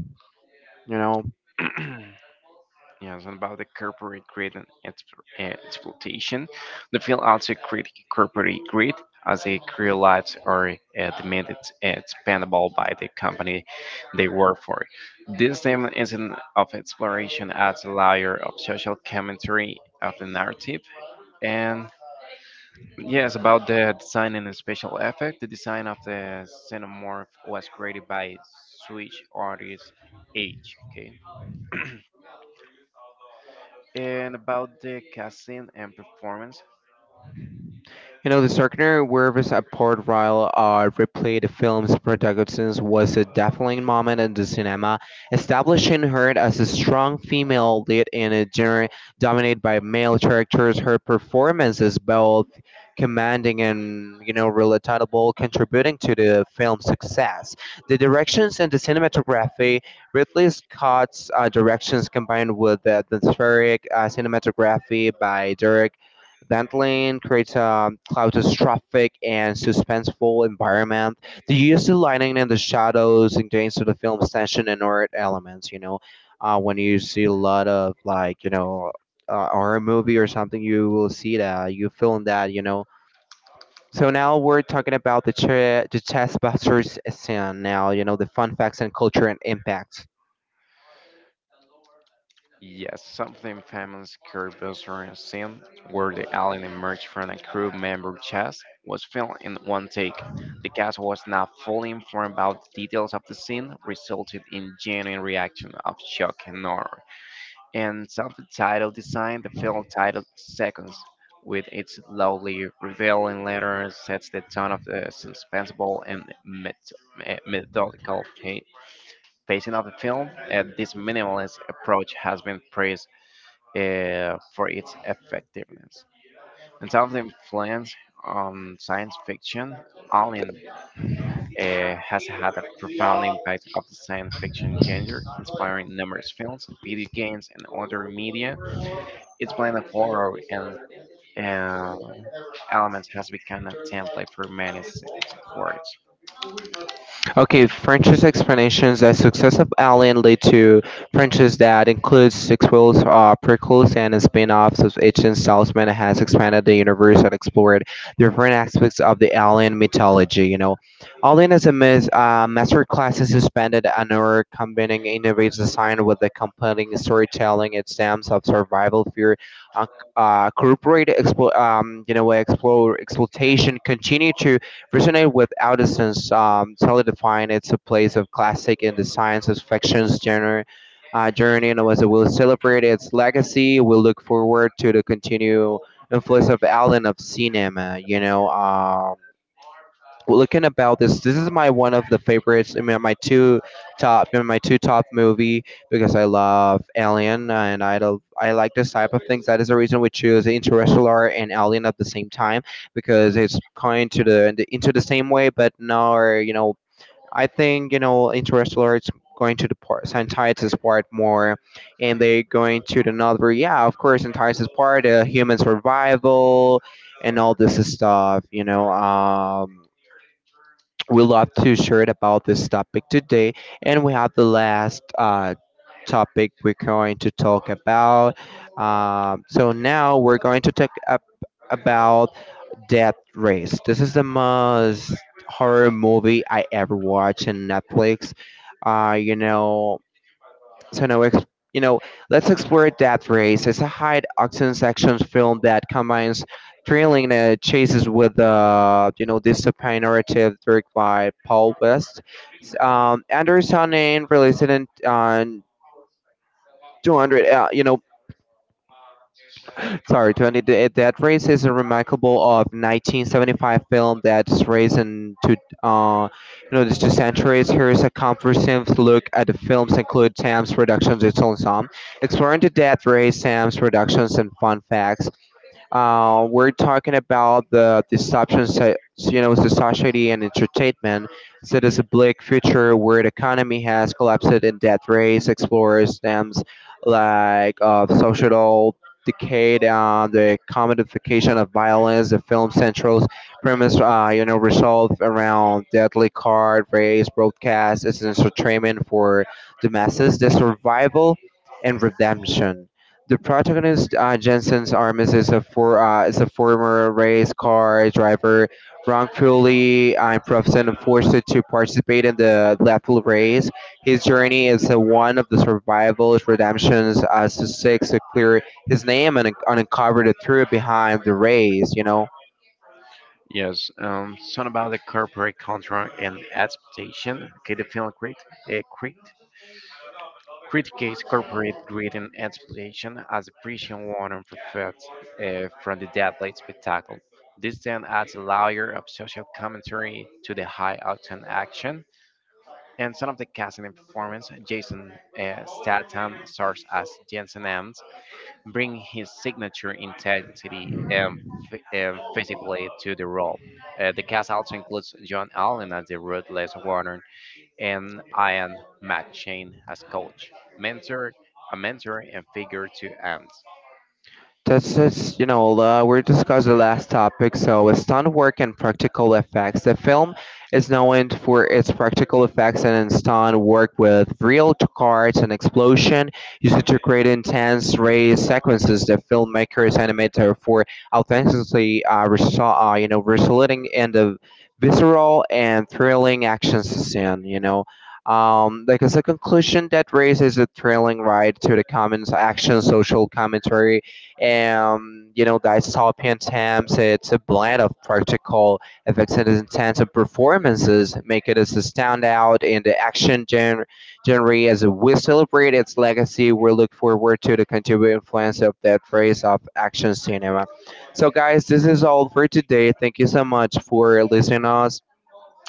A: You know,
B: Yes, and about the corporate greed and exp- uh, exploitation, the film also critiques corporate greed as the career lives are uh, demanded and expandable by the company they work for. This theme is an of exploration adds a layer of social commentary of the narrative, and. Yes, about the design and the special effect, the design of the xenomorph was created by Swedish artist H. Okay, and about the casting and performance,
A: you know, the Starkner werewolves at Port Royal are replayed the film's protagonist was a defining moment in the cinema, establishing her as a strong female lead in a genre dominated by male characters. Her performance is both commanding and, you know, relatable, contributing to the film's success. The directions and the cinematography, Ridley Scott's uh, directions combined with the atmospheric uh, cinematography by Derek Dandelion creates a claustrophobic and suspenseful environment. The use of lighting and the shadows enhances the film's tension and horror elements. You know, uh, when you see a lot of like you know uh, horror movie or something, you will see that you feel that you know. So now we're talking about the ch- the chess busters scene. Now you know the fun facts and culture and impacts.
B: yes, something famous Kurbuster scene where the alien emerged from a crew member's chest was filmed in one take. The cast was not fully informed about the details of the scene, resulted in genuine reaction of shock and horror. And sound title design, the film titled Seconds, with its loudly revealing letters, sets the tone of the suspenseful and met- me- methodical pa- pacing of the film. Uh, this minimalist approach has been praised uh, for its effectiveness. In terms of influence on science fiction, Alien uh, has had a profound impact of the science fiction genre, inspiring numerous films, video games, and other media. Its blend of horror and uh, elements has become a template for many sections of works.
A: Okay, French's explanations that success of Alien lead to franchises that includes sequels, uh, prequels, and spin-offs of ancient Salesman has expanded the universe and explored different aspects of the Alien mythology. You know, Alien is a mis- uh, masterclass in suspended honor, combining innovative design with the compelling storytelling. It stems of survival, fear, uh, uh, corporate, explo- um, you know, explore exploitation, continue to resonate with Alderson's um, solidifying its a place of classic in the science of fiction's genre. Uh, journey and was will celebrate its legacy. We look forward to the continued influence of Allen of cinema. You know, um, looking about this this is my one of the favorites. I mean my two top, in my two top movie, because I love alien and i do i like this type of things. That is the reason we choose Interstellar and Alien at the same time, because it's kind to the into the same way. But now, you know, I think, you know, Interstellar is going to the part scientist's part more, and they going to the another. Yeah, of course, scientist's part, uh, human survival and all this stuff, you know. Um we love to share it about this topic today, and we have the last uh, topic we're going to talk about. Um, so now we're going to talk up about Death Race. This is the most horror movie I ever watched on Netflix. Uh, you know so now, ex- you know, Let's explore Death Race. It's a high octane action film that combines thrilling uh, chases with, uh, you know, dystopian narrative, directed by Paul West. S- Um, Anderson, and released it in uh, two hundred, uh, you know, Sorry, twenty Th- that race is a remarkable of nineteen seventy-five film that's raised into uh, you know these two centuries. Here is a comprehensive look at the films include Sam's Productions, its own song, exploring the death race, Sam's Productions, and fun facts. Uh, we're talking about the disruption, so- so, you know, the society and entertainment. So there's a bleak future where the economy has collapsed, and Death Race explores themes like uh, social decay, uh, the commodification of violence. The film centrals premise, uh, you know, resolve around deadly card race broadcast as an entertainment for the masses, the survival and redemption. The protagonist, uh, Jensen's Armis, is a for uh, is a former race car driver, wrongfully uh, imprisoned and forced to participate in the lethal race. His journey is uh, one of the survival's redemptions as he seeks to clear his name and un- uncover the truth behind the race, you know.
B: Yes, um, something about the corporate culture and exploitation. Okay, the film crit, uh, crit, criticates corporate greed and exploitation as the prison warning for fed uh, from the deadly spectacle. This then adds a layer of social commentary to the high octane action. And some of the casting and performance, Jason uh, Statham stars as Jensen Ames, bring his signature intensity and, ph- and physically to the role. Uh, the cast also includes John Allen as the ruthless Warner and Ian McShane as coach, mentor, a mentor and figure to Ants.
A: That's just, you know, uh, we discussed the last topic. So, it's stunt work and practical effects. The film is known for its practical effects and stunt work, with real t- cars and explosion used to create intense race sequences. The filmmakers animated for authentically, uh, resol- uh, you know, resulting in the visceral and thrilling action scene. You know, um, like, as a conclusion, that race is a thrilling ride to the commons action, social commentary, and, you know, the dystopian themes. It's a blend of practical effects and intense performances, make it as a standout in the action gen- genre. As we celebrate its legacy, we look forward to the continued influence of that phase of action cinema. So, guys, this is all for today. Thank you so much for listening us.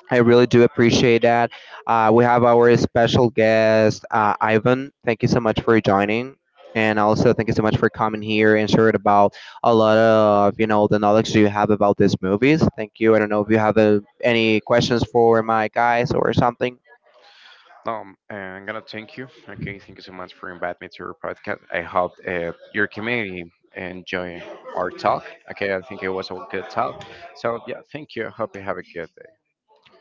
A: I really do appreciate that. Uh, we have our special guest, uh, Ivan. Thank you so much for joining. And also, thank you so much for coming here and sharing about a lot of, you know, the knowledge you have about these movies. Thank you. I don't know if you have uh, any questions for my guys or something.
B: Um, uh, I'm gonna thank you. Okay, thank you so much for inviting me to your podcast. I hope uh, your community enjoy our talk. Okay, I think it was a good talk. So yeah, thank you. I hope you have a good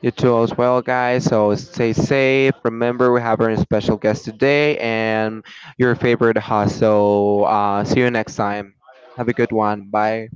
A: You too as well, guys. So stay safe. Remember, we have our special guest today and your favorite host. So uh, see you next time. Have a good one. Bye.